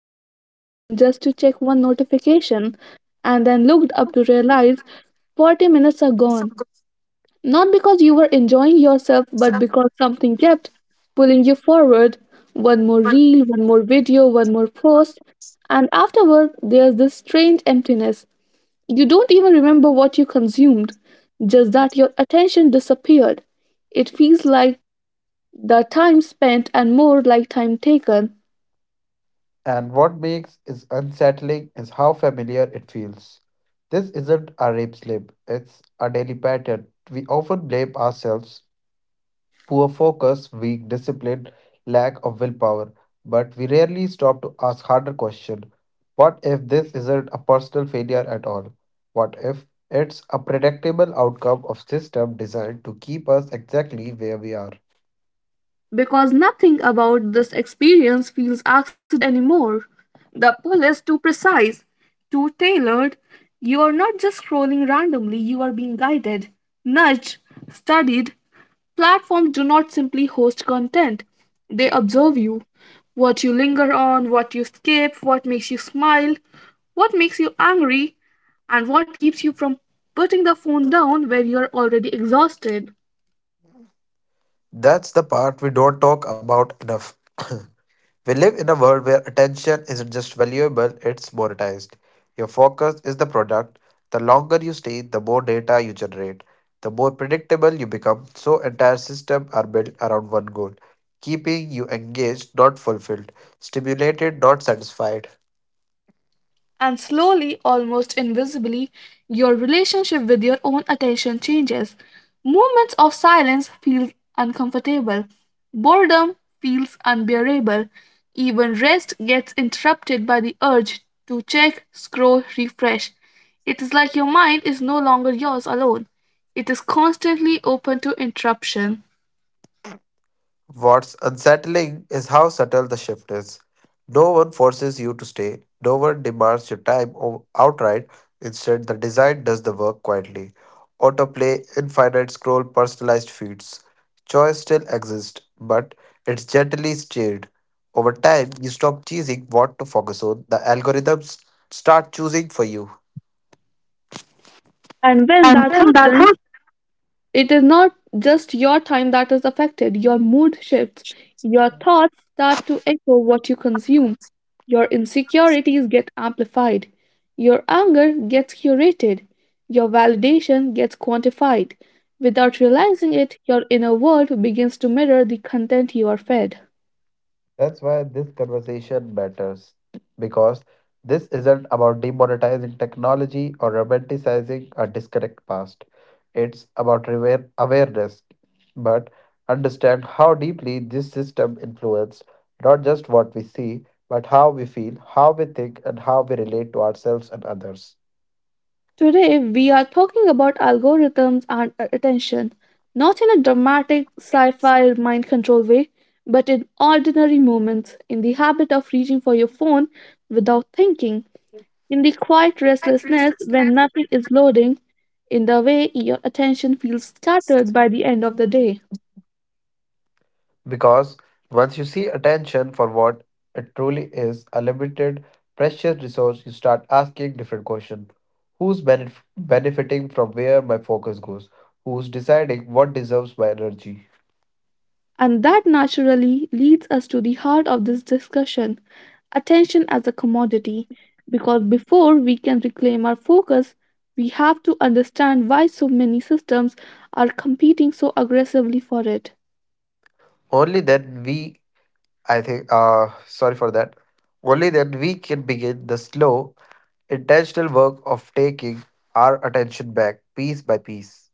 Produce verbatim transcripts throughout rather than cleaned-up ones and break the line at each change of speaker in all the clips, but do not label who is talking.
picked up your phone just to check one notification and then looked up to realize forty minutes are
Some
gone?
good
Not because you were enjoying yourself, but
stuff.
because something kept pulling you forward. One more reel, one more video, one more post. And afterward, there's this strange emptiness. You don't even remember what you consumed, just that your attention disappeared. It feels like the time spent and more like time taken.
And what makes is unsettling is how familiar it feels. This isn't a rape slip, it's a daily pattern. We often blame ourselves, poor focus, weak discipline, lack of willpower, but we rarely stop to ask harder question. What if this isn't a personal failure at all? What if it's a predictable outcome of system designed to keep us exactly where we are?
Because nothing about this experience feels accident anymore. The pull is too precise, too tailored. You are not just scrolling randomly, you are being guided, nudged, studied. Platforms do not simply host content, they observe you. What you linger on, what you skip, what makes you smile, what makes you angry, and what keeps you from putting the phone down when you're already exhausted.
That's the part we don't talk about enough. We live in a world where attention isn't just valuable, it's monetized. Your focus is the product. The longer you stay, the more data you generate, the more predictable you become. So, entire systems are built around one goal keeping you engaged, not fulfilled, stimulated, not satisfied.
And slowly, almost invisibly, your relationship with your own attention changes. Moments of silence feel uncomfortable. Boredom feels unbearable. Even rest gets interrupted by the urge to check, scroll, refresh. It is like your mind is no longer yours alone. It is constantly open to interruption.
What's unsettling is how subtle the shift is. No one forces you to stay, no one demands your time o- outright. Instead, the design does the work quietly. Autoplay, infinite scroll, personalized feeds. Choice still exists, but it's gently steered. Over time, you stop choosing what to focus on, the algorithms start choosing for you.
And when
And
that
then, that
happens, it is not just your time that is affected, your mood shifts, your thoughts start to echo what you consume, your insecurities get amplified, your anger gets curated, your validation gets quantified. Without realizing it, your inner world begins to mirror the content you are fed.
That's why this conversation matters because this isn't about demonetizing technology or romanticizing a disconnect past. It's about aware- awareness, but understand how deeply this system influences not just what we see, but how we feel, how we think, and how we relate to ourselves and others.
Today, we are talking about algorithms and uh, attention, not in a dramatic sci fi mind control way, but in ordinary moments, in the habit of reaching for your phone without thinking, in the quiet restlessness when nothing is loading, in the way your attention feels scattered by the end of the day.
Because once you see attention for what it truly is, a limited, precious resource, you start asking different questions. Who's benef- benefiting from where my focus goes? Who's deciding what deserves my energy?
And that naturally leads us to the heart of this discussion, attention as a commodity. Because before we can reclaim our focus, we have to understand why so many systems are competing so aggressively for it.
Only then we, I think, uh, sorry for that. Only then we can begin the slow, intentional work of taking our attention back piece by piece.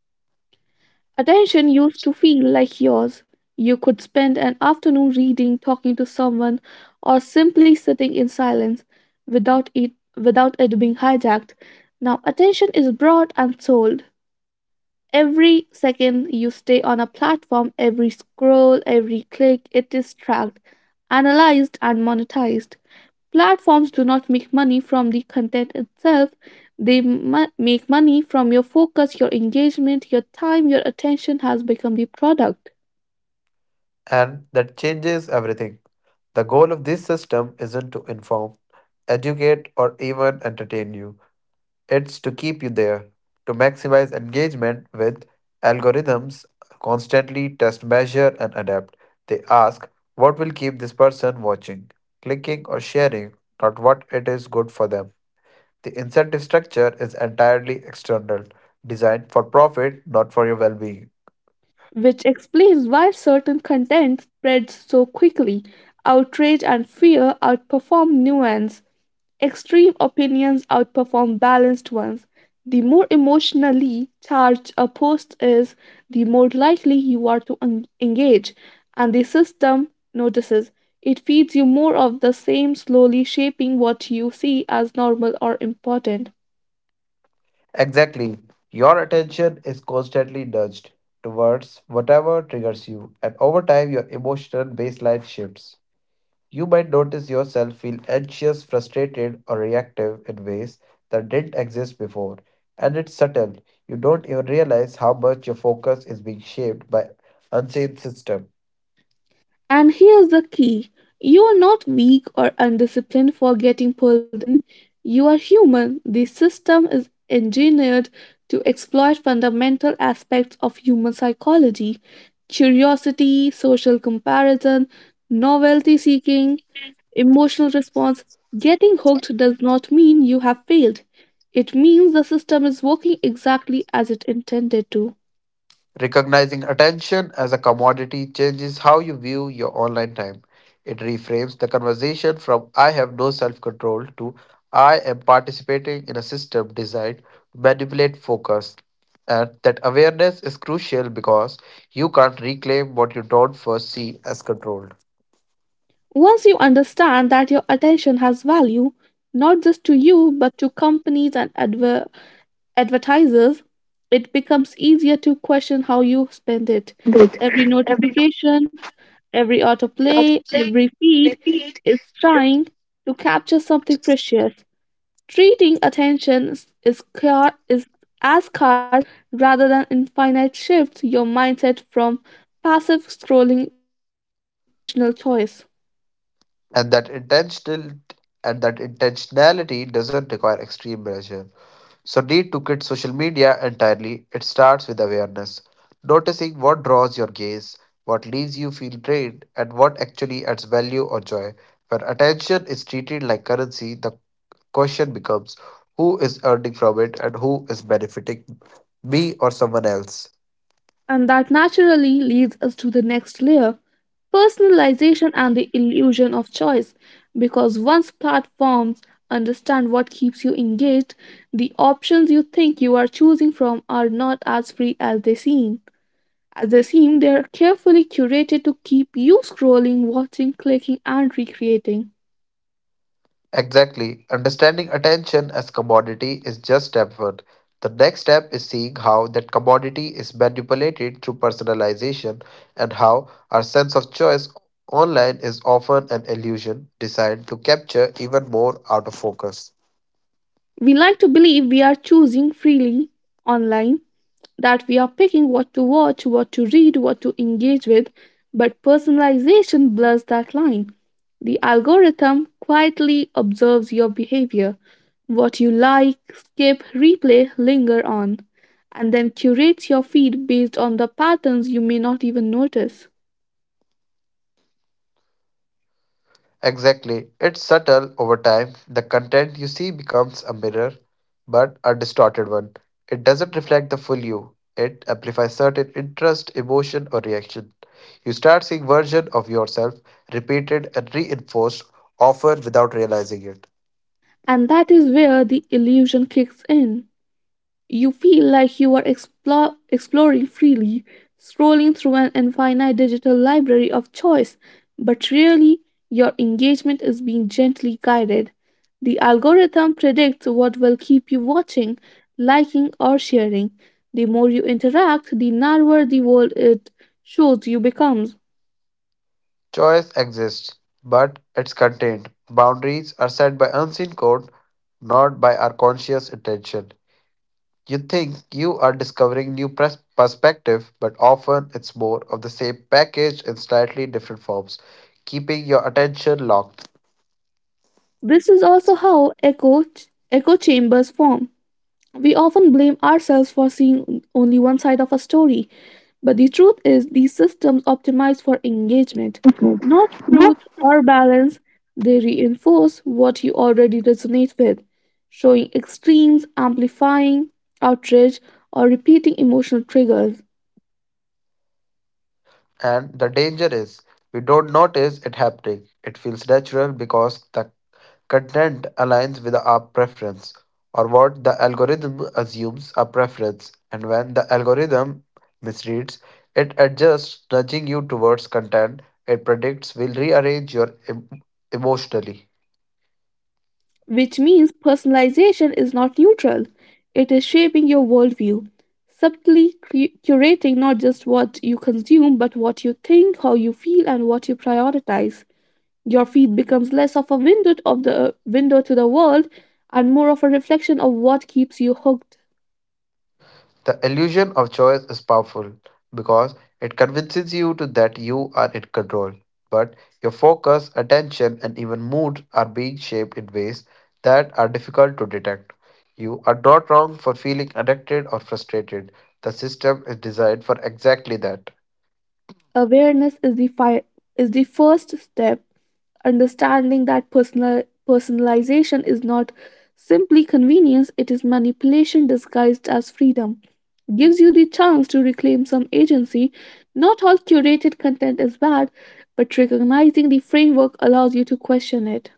Attention used to feel like yours. You could spend an afternoon reading, talking to someone, or simply sitting in silence without it, without it being hijacked. Now, attention is bought and sold. Every second you stay on a platform, every scroll, every click, it is tracked, analyzed, and monetized. Platforms do not make money from the content itself, they mu- make money from your focus, your engagement, your time, your attention has become the product,
And that changes everything. The goal of this system isn't to inform educate, or even entertain you. It's to keep you there, to maximize engagement with algorithms, constantly test, measure, and adapt. They ask what will keep this person watching, clicking, or sharing, not what it is good for them. The incentive structure is entirely external, designed for profit, not for your well being.
which explains why certain content spreads so quickly. Outrage and fear outperform nuance. Extreme opinions outperform balanced ones. The more emotionally charged a post is, the more likely you are to en- engage, and the system notices. It feeds you more of the same, slowly shaping what you see as normal or important.
Exactly. Your attention is constantly nudged towards whatever triggers you, and over time, your emotional baseline shifts. You might notice yourself feel anxious, frustrated, or reactive in ways that didn't exist before. And it's subtle. You don't even realize how much your focus is being shaped by unseen system.
And here's the key, you're not weak or undisciplined for getting pulled in. You are human. The system is engineered to exploit fundamental aspects of human psychology: curiosity, social comparison, novelty seeking, emotional response. Getting hooked does not mean you have failed. It means the system is working exactly as it intended to.
Recognizing attention as a commodity changes how you view your online time. It reframes the conversation from I have no self control to I am participating in a system designed to manipulate focus. And that awareness is crucial because you can't reclaim what you don't first see as controlled.
Once you understand that your attention has value, not just to you, but to companies and adver- advertisers, it becomes easier to question how you spend it.
Good.
Every
Every note
notification, every
we
autoplay,
autoplay,
every feed
repeat
is
is.
trying to capture something precious. Treating attention is, is, scar- is as scarce rather than infinite shifts your mindset from passive scrolling to intentional choice.
And that intentional and that intentionality doesn't require extreme measure. So, need to quit social media entirely. It starts with awareness, noticing what draws your gaze, what leaves you feel drained, and what actually adds value or joy. When attention is treated like currency, the question becomes who is earning from it and who is benefiting me or someone else.
And that naturally leads us to the next layer, personalization and the illusion of choice. Because once platforms understand what keeps you engaged, the options you think you are choosing from are not as free as they seem. As they seem, they are carefully curated to keep you scrolling, watching, clicking, and recreating.
Exactly. Understanding attention as commodity is just step one. The next step is seeing how that commodity is manipulated through personalization and how our sense of choice online is often an illusion designed to capture even more out of focus.
We like to believe we are choosing freely online, that we are picking what to watch, what to read, what to engage with, but personalization blurs that line. The algorithm quietly observes your behavior, what you like, skip, replay, linger on, and then curates your feed based on the patterns you may not even notice.
Exactly. It's subtle over time. The content you see becomes a mirror, but a distorted one. It doesn't reflect the full you. It amplifies certain interest, emotion, or reaction. You start seeing version of yourself repeated and reinforced, often without realizing it.
And that is where the illusion kicks in. You feel like you are explo- exploring freely, scrolling through an infinite digital library of choice, but really, your engagement is being gently guided. The algorithm predicts what will keep you watching, liking, or sharing. The more you interact, the narrower the world it shows you becomes.
Choice exists, but it's contained. Boundaries are set by unseen code, not by our conscious intention. You think you are discovering new pres- perspective, but often it's more of the same package in slightly different forms, keeping your attention locked.
This is also how echo, echo chambers form. We often blame ourselves for seeing only one side of a story, but the truth is, these systems optimize for engagement, not truth or balance. They reinforce what you already resonate with, showing extremes, amplifying outrage, or repeating emotional triggers.
And the danger is we don't notice it happening. It feels natural because the content aligns with our preference or what the algorithm assumes a preference. And when the algorithm misreads, it adjusts, nudging you towards content it predicts will rearrange your em- emotionally.
Which means personalization is not neutral, it is shaping your worldview, subtly cu- curating not just what you consume, but what you think, how you feel, and what you prioritize. Your feed becomes less of a window of the window to the world and more of a reflection of what keeps you hooked.
The illusion of choice is powerful because it convinces you to that you are in control, but your focus, attention, and even mood are being shaped in ways that are difficult to detect. You are not wrong for feeling addicted or frustrated. The system is designed for exactly that.
Awareness is the fi- is the first step. Understanding that personal personalization is not simply convenience, it is manipulation disguised as freedom. Gives you the chance to reclaim some agency. Not all curated content is bad, but recognizing the framework allows you to question it.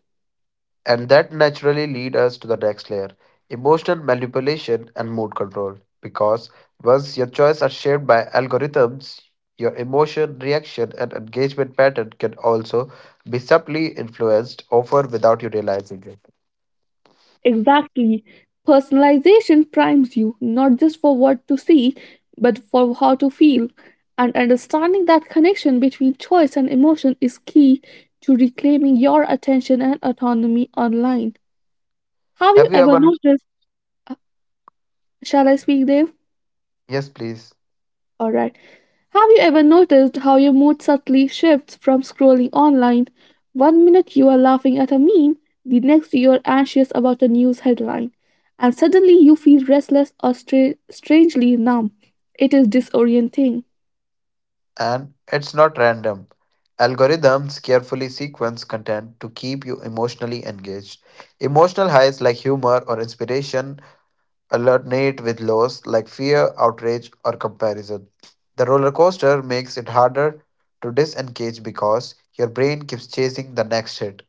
And that naturally lead us to the next layer, emotional manipulation and mood control. Because once your choices are shaped by algorithms, your emotion, reaction, and engagement pattern can also be subtly influenced, often without you realizing it.
Exactly. Personalization primes you not just for what to see, but for how to feel. And understanding that connection between choice and emotion is key to reclaiming your attention and autonomy online. Have you
Have you
ever
ever?
noticed? uh, Shall I speak, Dave?
Yes, please.
All right. Have you ever noticed how your mood subtly shifts from scrolling online? One minute you are laughing at a meme, the next you are anxious about a news headline, and suddenly you feel restless or stra- strangely numb. It is disorienting.
And it's not random. Algorithms carefully sequence content to keep you emotionally engaged. Emotional highs like humor or inspiration alternate with lows like fear, outrage, or comparison. The roller coaster makes it harder to disengage because your brain keeps chasing the next hit.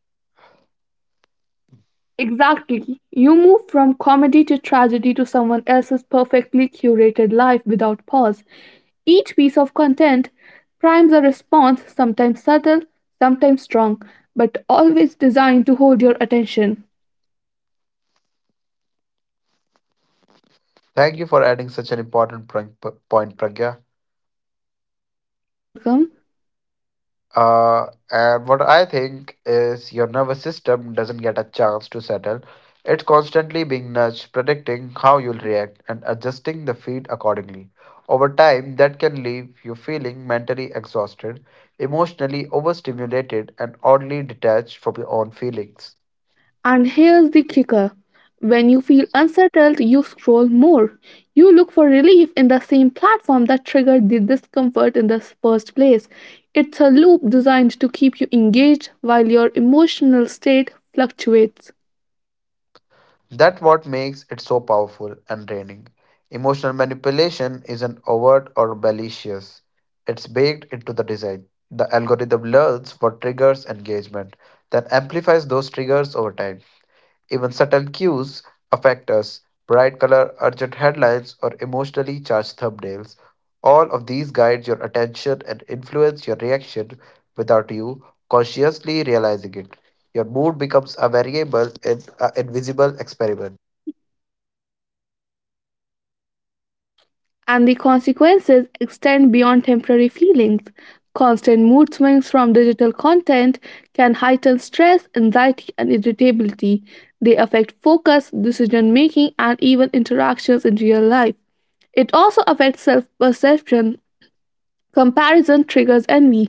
Exactly. You move from comedy to tragedy to someone else's perfectly curated life without pause. Each piece of content primes a response, sometimes subtle, sometimes strong, but always designed to hold your attention.
Thank you for adding such an important pr- point, Pragya.
You're welcome.
Uh, and what I think is your nervous system doesn't get a chance to settle. It's constantly being nudged, predicting how you'll react and adjusting the feed accordingly. Over time, that can leave you feeling mentally exhausted, emotionally overstimulated, and oddly detached from your own feelings.
And here's the kicker, when you feel unsettled, you scroll more. You look for relief in the same platform that triggered the discomfort in the first place. It's a loop designed to keep you engaged while your emotional state fluctuates.
That what makes it so powerful and draining. Emotional manipulation isn't overt or malicious. It's baked into the design. The algorithm learns what triggers engagement, then amplifies those triggers over time. Even subtle cues affect us. Bright color, urgent headlines, or emotionally charged thumbnails. All of these guide your attention and influence your reaction without you consciously realizing it. Your mood becomes a variable in an invisible experiment.
And the consequences extend beyond temporary feelings. Constant mood swings from digital content can heighten stress, anxiety, and irritability. They affect focus, decision making, and even interactions in real life. It also affects self perception. Comparison triggers envy.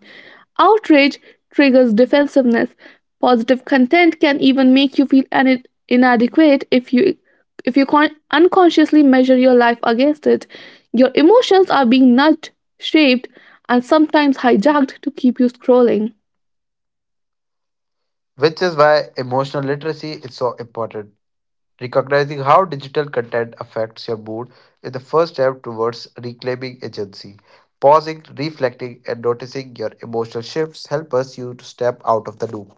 Outrage triggers defensiveness. Positive content can even make you feel an- inadequate if you if you con- unconsciously measure your life against it. Your emotions are being nudged, shaped, and sometimes hijacked to keep you scrolling.
Which is why emotional literacy is so important. Recognizing how digital content affects your mood is the first step towards reclaiming agency. Pausing, reflecting, and noticing your emotional shifts help us you to step out of the loop.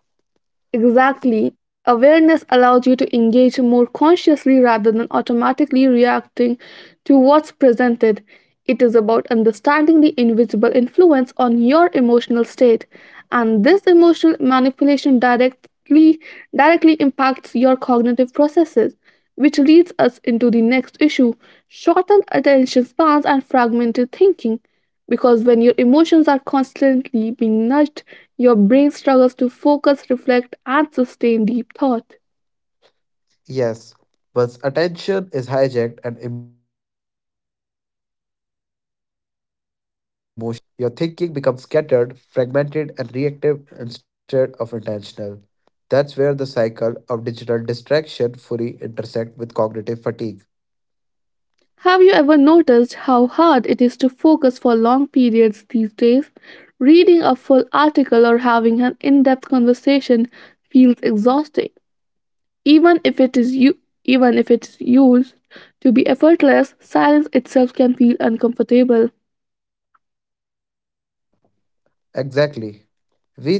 Exactly. Awareness allows you to engage more consciously rather than automatically reacting to what's presented. It is about understanding the invisible influence on your emotional state, and this emotional manipulation directly directly impacts your cognitive processes, which leads us into the next issue, shortened attention spans and fragmented thinking. Because when your emotions are constantly being nudged, your brain struggles to focus, reflect, and sustain deep thought.
Yes, once attention is hijacked and emotion are fluctuating, your ability to concentrate diminishes. Your thinking becomes scattered, fragmented, and reactive instead of intentional. That's where the cycle of digital distraction fully intersect with cognitive fatigue.
Have you ever noticed how hard it is to focus for long periods these days? Reading a full article or having an in-depth conversation feels exhausting. Even if it is you Even if it is used to be effortless, silence itself can feel uncomfortable.
Exactly.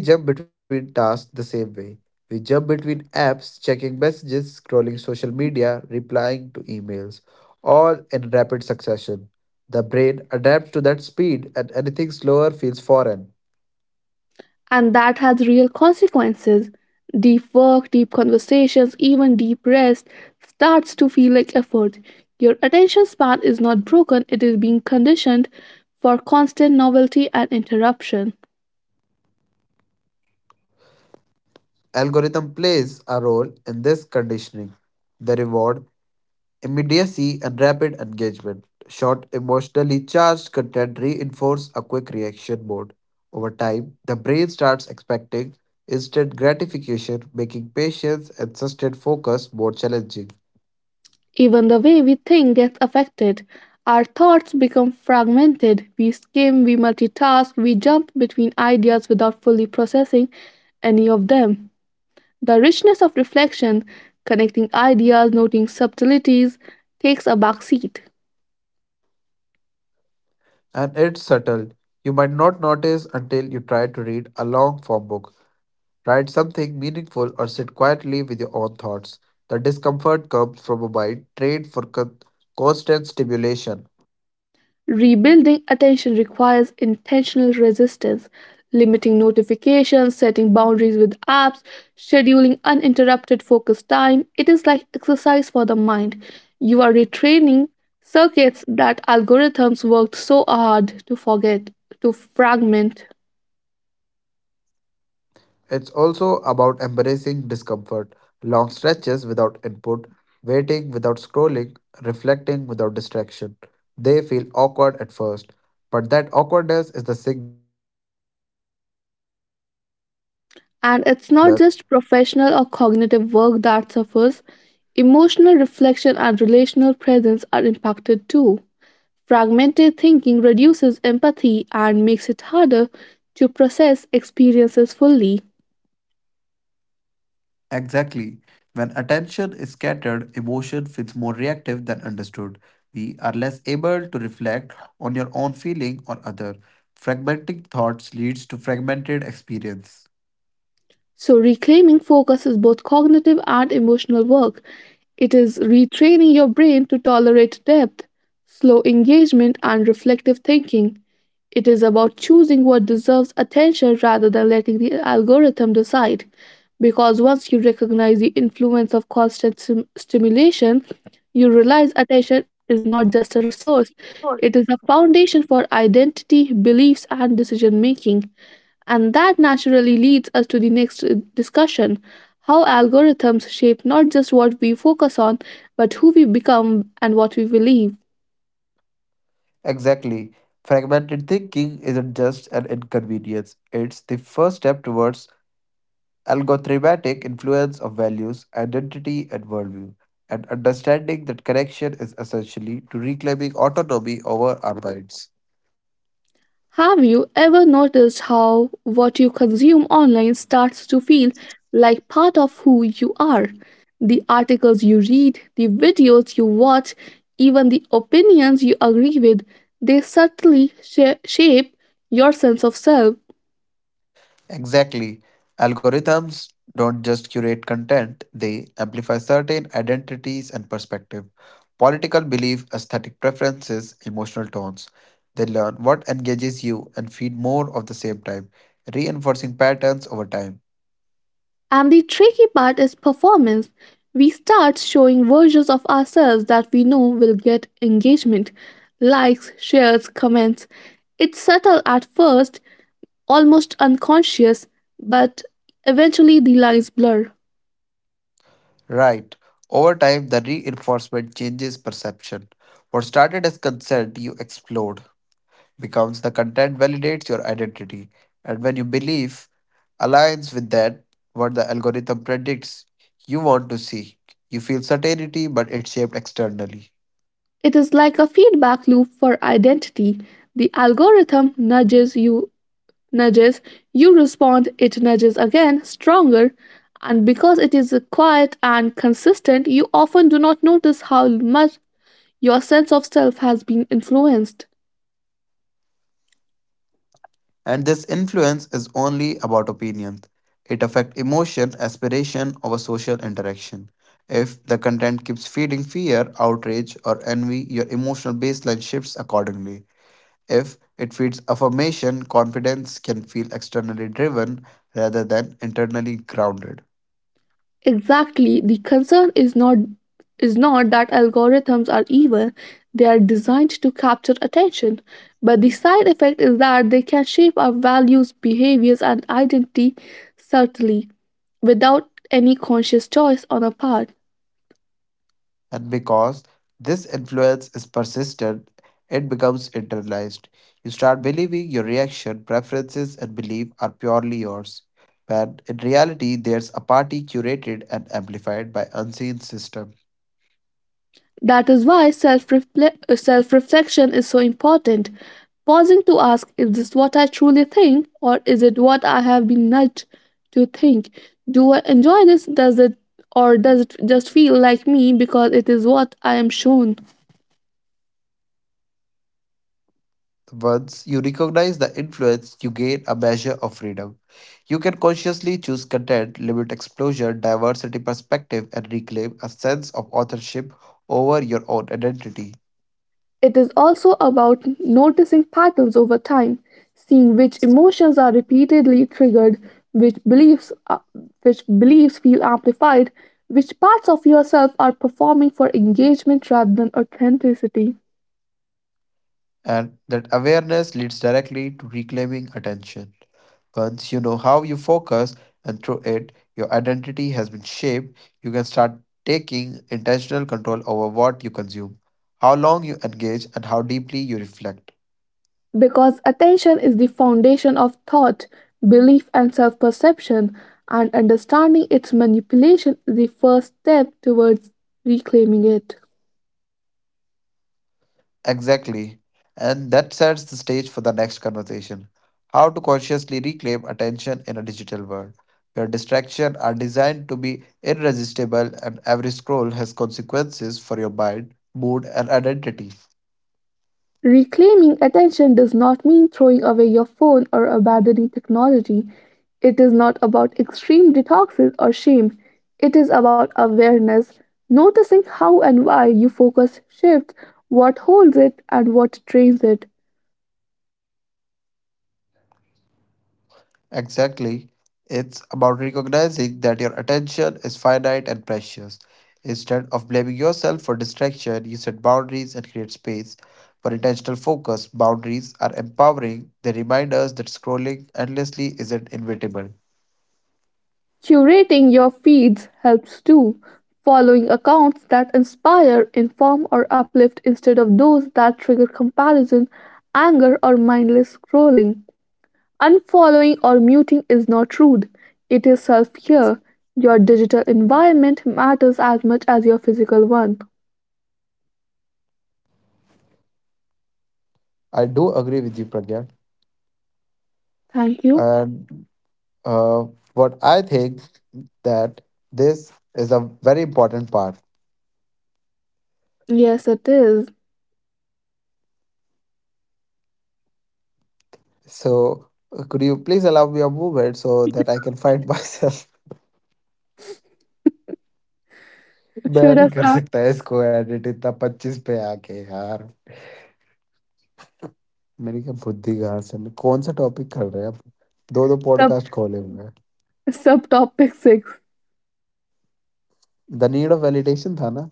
We jump between tasks the same way. We jump between apps, checking messages, scrolling social media, replying to emails, all in rapid succession. The brain adapts to that speed and anything slower feels foreign.
And that has real consequences. Deep work, deep conversations, even deep rest starts to feel like effort. Your attention span is not broken, it is being conditioned for constant novelty and interruption.
Algorithm plays a role in this conditioning. They reward immediacy and rapid engagement. Short, emotionally charged content reinforce a quick reaction mode. Over time, the brain starts expecting instant gratification, making patience and sustained focus more challenging.
Even the way we think gets affected. Our thoughts become fragmented. We skim, we multitask, we jump between ideas without fully processing any of them. The richness of reflection, connecting ideas, noting subtleties, takes a backseat.
And it's subtle. You might not notice until you try to read a long form book, write something meaningful, or sit quietly with your own thoughts. The discomfort comes from a mind trained for con- constant stimulation.
Rebuilding attention requires intentional resistance, limiting notifications, setting boundaries with apps, scheduling uninterrupted focus time. It is like exercise for the mind. You are retraining circuits that algorithms worked so hard to forget, to fragment.
It's also about embracing discomfort, long stretches without input, waiting without scrolling, reflecting without distraction. They feel awkward at first, but that awkwardness is the signal that your brain is adjusting back to depth.
And it's not just professional or cognitive work that suffers, emotional reflection and relational presence are impacted too. Fragmented thinking reduces empathy and makes it harder to process experiences fully.
Exactly. When attention is scattered, emotion feels more reactive than understood. We are less able to reflect on your own feeling or other. Fragmenting thoughts leads to fragmented experience.
So, reclaiming focus is both cognitive and emotional work. It is retraining your brain to tolerate depth, slow engagement, and reflective thinking. It is about choosing what deserves attention rather than letting the algorithm decide. Because once you recognize the influence of constant stim- stimulation, you realize attention is not just a resource, it is a foundation for identity, beliefs, and decision making. And that naturally leads us to the next uh, discussion, how algorithms shape not just what we focus on, but who we become and what we believe.
Exactly. Fragmented thinking isn't just an inconvenience, it's the first step towards algorithmic influence of values, identity, and worldview, and understanding that connection is essentially to reclaiming autonomy over our minds.
Have you ever noticed how what you consume online starts to feel like part of who you are? The articles you read, the videos you watch, even the opinions you agree with, they subtly sha- shape your sense of self.
Exactly. Algorithms don't just curate content, they amplify certain identities and perspective. Political belief, aesthetic preferences, emotional tones. They learn what engages you and feed more of the same type, reinforcing patterns over time.
And the tricky part is performance. We start showing versions of ourselves that we know will get engagement, likes, shares, comments. It's subtle at first, almost unconscious, but eventually the lines blur.
Right. Over time, the reinforcement changes perception. What started as consent, you explored. Becomes the content validates your identity. And when you believe aligns with that, what the algorithm predicts you want to see, you feel certainty, but it's shaped externally.
It is like a feedback loop for identity. The algorithm nudges you, nudges, you respond, it nudges again, stronger, and because it is quiet and consistent, you often do not notice how much your sense of self has been influenced.
And this influence is only about opinion. It affects emotion, aspiration, over social interaction. If the content keeps feeding fear, outrage, or envy, your emotional baseline shifts accordingly. If it feeds affirmation, confidence can feel externally driven rather than internally grounded.
Exactly, the concern is not is not that algorithms are evil, they are designed to capture attention, but the side effect is that they can shape our values, behaviors and identity subtly without any conscious choice on our part.
And because this influence is persistent, it becomes internalized. You start believing your reaction, preferences, and belief are purely yours, when in reality, there's a party curated and amplified by unseen system.
That is why self reflection is so important. Pausing to ask, is this what I truly think, or is it what I have been nudged to think? Do I enjoy this? Does it, or does it just feel like me because it is what I am shown?
Once you recognize the influence, you gain a measure of freedom. You can consciously choose content, limit exposure, diversity perspective, and reclaim a sense of authorship over your own identity.
It is also about noticing patterns over time, seeing which emotions are repeatedly triggered, which beliefs uh, which beliefs feel amplified, which parts of yourself are performing for engagement rather than authenticity.
And that awareness leads directly to reclaiming attention. Once you know how you focus, and through it, your identity has been shaped, you can start taking intentional control over what you consume, how long you engage, and how deeply you reflect.
Because attention is the foundation of thought, belief, and self perception, and understanding its manipulation is the first step towards reclaiming it.
Exactly. And that sets the stage for the next conversation how to consciously reclaim attention in a digital world where distractions are designed to be irresistible and every scroll has consequences for your mind, mood, and identity.
Reclaiming attention does not mean throwing away your phone or abandoning technology. It is not about extreme detoxes or shame. It is about awareness, noticing how and why you focus shifts, what holds it, and what drains it.
Exactly. It's about recognizing that your attention is finite and precious. Instead of blaming yourself for distraction, you set boundaries and create space for intentional focus. Boundaries are empowering, they remind us that scrolling endlessly isn't inevitable.
Curating your feeds helps too. Following accounts that inspire, inform, or uplift instead of those that trigger comparison, anger, or mindless scrolling. Unfollowing or muting is not rude, it is self care. Your digital environment matters as much as your physical one.
I do agree with you, Pragya.
Thank you.
And uh, what I think that this is a very important part.
Yes, it is.
So, uh, could you please allow me a moment so that I can find myself? मैं
Should I
नहीं कर
start
सकता इसको edit इतना पच्चीस पे आके यार, मेरी क्या बुद्धि कहाँ से मैं कौन सा टॉपिक कर रहे हैं अब? दो दो
sub-
पॉडकास्ट खोले हुए हैं।
subtopic six?
The need of validation था ना?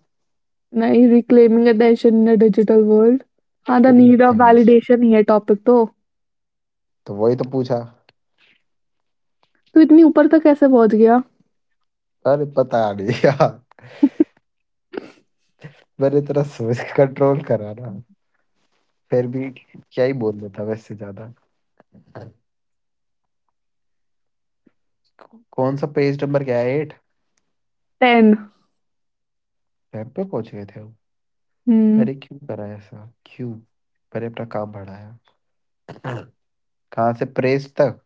Now, reclaiming attention in a digital world. हाँ the
तेरी
need of
भैंस,
validation ही है टॉपिक तो
तो वही तो पूछा।
तू इतनी ऊपर तक कैसे पहुंच गया
अरे पता नहीं यार। मैंने तेरा सोच कंट्रोल करा ना, फिर भी क्या ही बोलना था वैसे ज्यादा। कौ- कौन सा पेज नंबर क्या है, एट
टेन
टाइम पे पहुंच गए थे हम।
हम्म
अरे क्यों करा ऐसा, क्यों मैंने अपना काम बढ़ाया, कहाँ से प्रेस तक।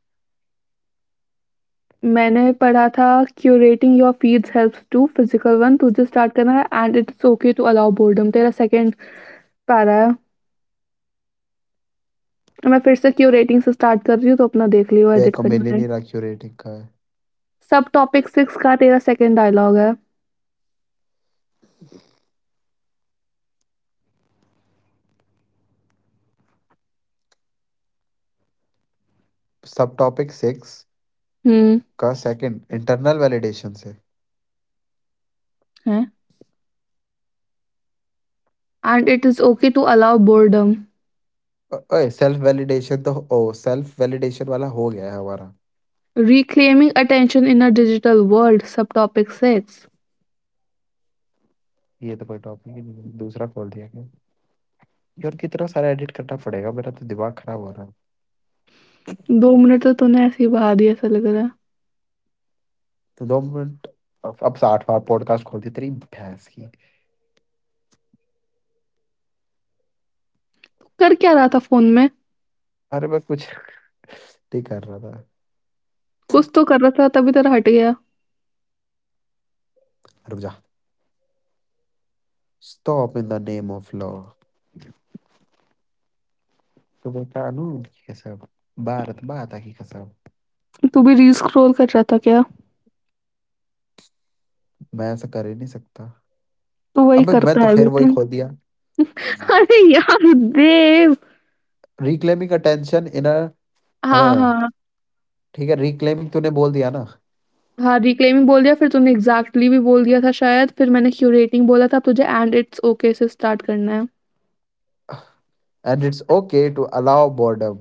मैंने पढ़ा था curating your feeds helps to physical one तुझे स्टार्ट करना है and it's okay to allow boredom तेरा सेकंड पैरा है मैं फिर से क्यूरेटिंग से स्टार्ट कर रही हूँ, तो अपना देख लियो
वह
एडिट
को मिल ही
करना है।
नहीं रहा क्यूरेटिंग का है।
सबटॉपिक 6 का तेरा सेकंड डायलॉग है
सब टॉपिक सिक्स
हुँ,
का सेकंड इंटरनल वैलिडेशन से।
है and it is okay to allow boredom.
अ- ओए सेल्फ वैलिडेशन, तो ओ सेल्फ वैलिडेशन वाला हो गया है हमारा।
Reclaiming attention in a digital world subtopic 6.
ये तो कोई टॉपिक ही नहीं है, दूसरा खोल दिया गया। यार कितना सारा एडिट करना पड़ेगा, मेरा तो दिमाग खराब हो रहा है।
दो मिनट तो तूने ऐसे ही बहा दिए ऐसा लग रहा है।
तो दो मिनट। अब अब साठवां पॉडकास्ट खोल दिया, तेरी भैंस की।
कर क्या रहा था फ़ोन में?
अरे मैं कुछ नहीं कर रहा था।
कुछ तो कर रहा था तभी तेरा हट गया।
रुक जा, stop in the name of law. तो मैं कानून की कसम, भारत माता की कसम,
तू भी रील स्क्रॉल कर रहा था क्या?
मैं ऐसा कर ही नहीं सकता।
तू वही
अबे मैं
करता
तो
है
फिर वही
बेटे।
खोल दिया।
अरे यार देव!
रिक्लेमिंग अटेंशन इन अ,
हाँ,
हाँ,
हाँ।
ठीक है रिक्लेमिंग तूने बोल दिया ना।
हाँ, रिक्लेइमिंग बोल दिया फिर तुमने एग्ज़ैक्टली भी बोल दिया था शायद, फिर मैंने क्यूरेटिंग बोला था, अब तुझे एंड इट्स ओके से स्टार्ट करना है।
And it's okay to allow boredom,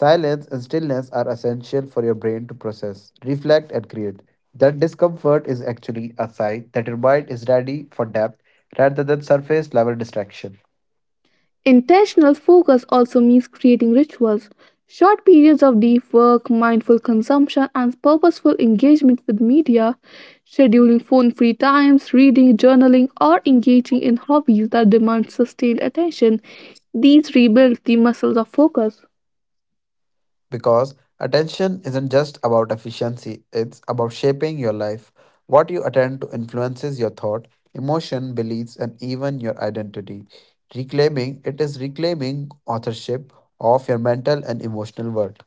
silence and stillness are essential for your brain to process reflect and create that discomfort is actually a sign that your mind is ready for depth rather than surface level distraction.
Intentional focus also means creating rituals, short periods of deep work, mindful consumption and purposeful engagement with media, scheduling phone free times, reading, journaling और engaging in hobbies that demand sustained attention, these rebuild the muscles of focus.
Because attention isn't just about efficiency, it's about shaping your life. What you attend to influences your thought, emotion, beliefs, and even your identity. Reclaiming it is reclaiming authorship of your mental and emotional world.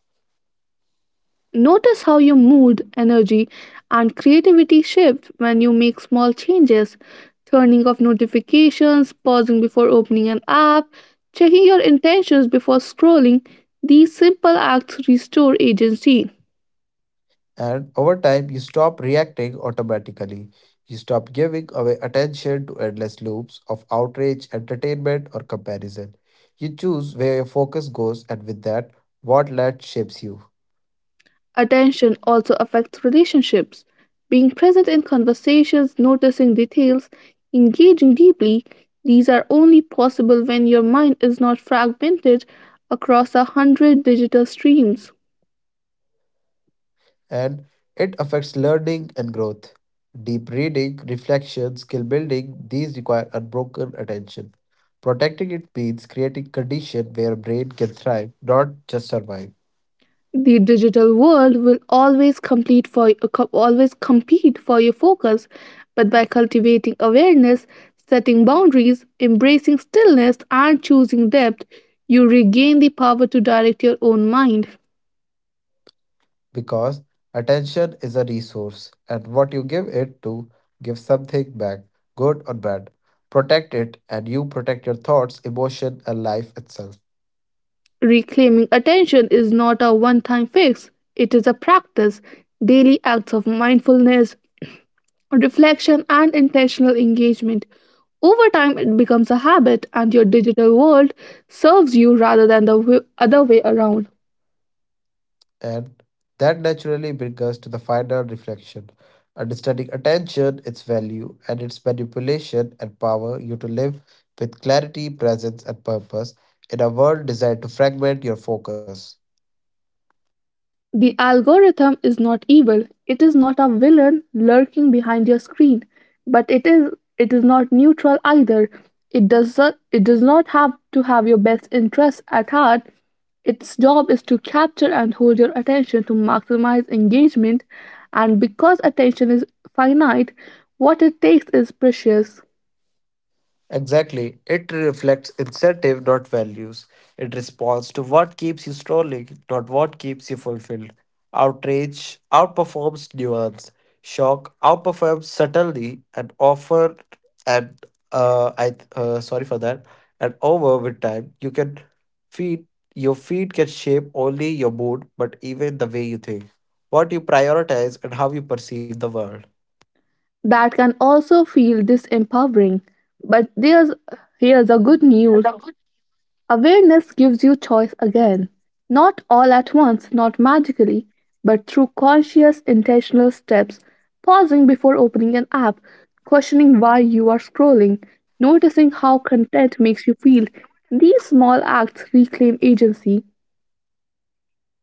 Notice how your mood, energy, and creativity shift when you make small changes. Turning off notifications, pausing before opening an app, checking your intentions before scrolling, these simple acts restore agency.
And over time, you stop reacting automatically. You stop giving away attention to endless loops of outrage, entertainment, or comparison. You choose where your focus goes, and with that, what led shapes you.
Attention also affects relationships. Being present in conversations, noticing details, engaging deeply, these are only possible when your mind is not fragmented across a hundred digital streams.
And it affects learning and growth. Deep reading, reflection, skill building, these require unbroken attention. Protecting it means creating condition where brain can thrive, not just survive.
The digital world will always complete for co- always compete for your focus, but by cultivating awareness, setting boundaries, embracing stillness, and choosing depth, you regain the power to direct your own mind.
Because attention is a resource, and what you give it to give something back, good or bad. Protect it, and you protect your thoughts, emotion, and life itself.
Reclaiming attention is not a one time fix, it is a practice. Daily acts of mindfulness, reflection, and intentional engagement. Over time, it becomes a habit, and your digital world serves you rather than the w- other way around.
And that naturally brings us to the final reflection, understanding attention, its value, and its manipulation and power you to live with clarity, presence, and purpose in a world designed to fragment your focus.
The algorithm is not evil, it is not a villain lurking behind your screen, but it is it is not neutral either. It does not, it does not have to have your best interests at heart. Its job is to capture and hold your attention to maximize engagement, and because attention is finite, what it takes is precious.
Exactly. It reflects incentive, not values. It responds to what keeps you scrolling, not what keeps you fulfilled. Outrage outperforms nuance. Shock outperforms subtlety and offer and uh, I uh, sorry for that. And over with time, you can feed your feed can shape only your mood, but even the way you think, what you prioritize, and how you perceive the world.
That can also feel disempowering. But there's here's the good news. Awareness gives you choice again, not all at once, not magically, but through conscious, intentional steps, pausing before opening an app, questioning why you are scrolling, noticing how content makes you feel. These small acts reclaim agency.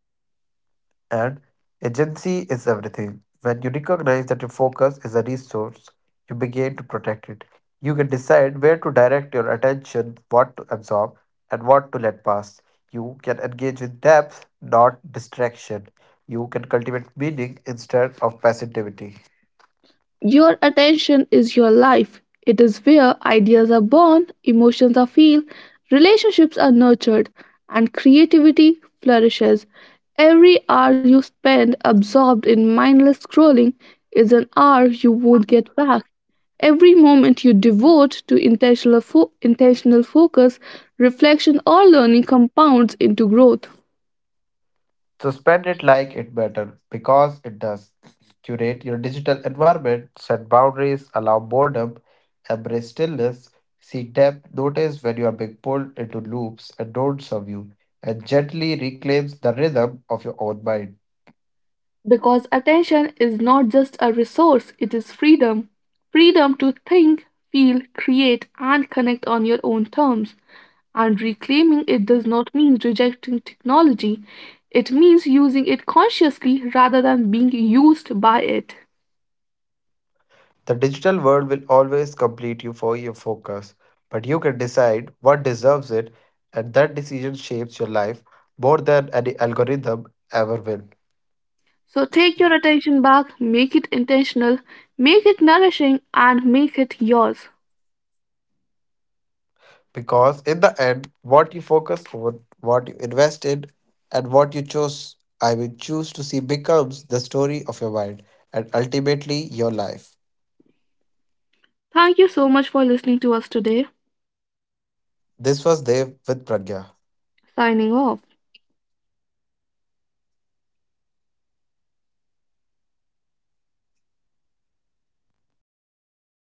And agency is everything. When you recognize that your focus is a resource, you begin to protect it. You can decide where to direct your attention, what to absorb, and what to let pass. You can engage with depth, not distraction. You can cultivate meaning instead of passivity.
Your attention is your life. It is where ideas are born, emotions are felt, relationships are nurtured, and creativity flourishes. Every hour you spend absorbed in mindless scrolling is an hour you won't get back. Every moment you devote to intentional, fo- intentional focus, reflection, or learning compounds into growth.
So spend it like it matters because it does. Curate your digital environment, set boundaries, allow boredom, embrace stillness, seek depth, notice when you are being pulled into loops and don't serve you, and gently reclaims the rhythm of your own mind.
Because attention is not just a resource, it is freedom. Freedom to think, feel, create, and connect on your own terms. And reclaiming it does not mean rejecting technology, it means using it consciously rather than being used by it.
The digital world will always complete you for your focus, but you can decide what deserves it, and that decision shapes your life more than any algorithm ever will.
So take your attention back, make it intentional, make it nourishing, and make it yours.
Because in the end, what you focus on, what you invest in, and what you chose, I will choose to see becomes the story of your mind and ultimately your life.
Thank you so much for listening to us today.
This was Dev with Pragya.
Signing off.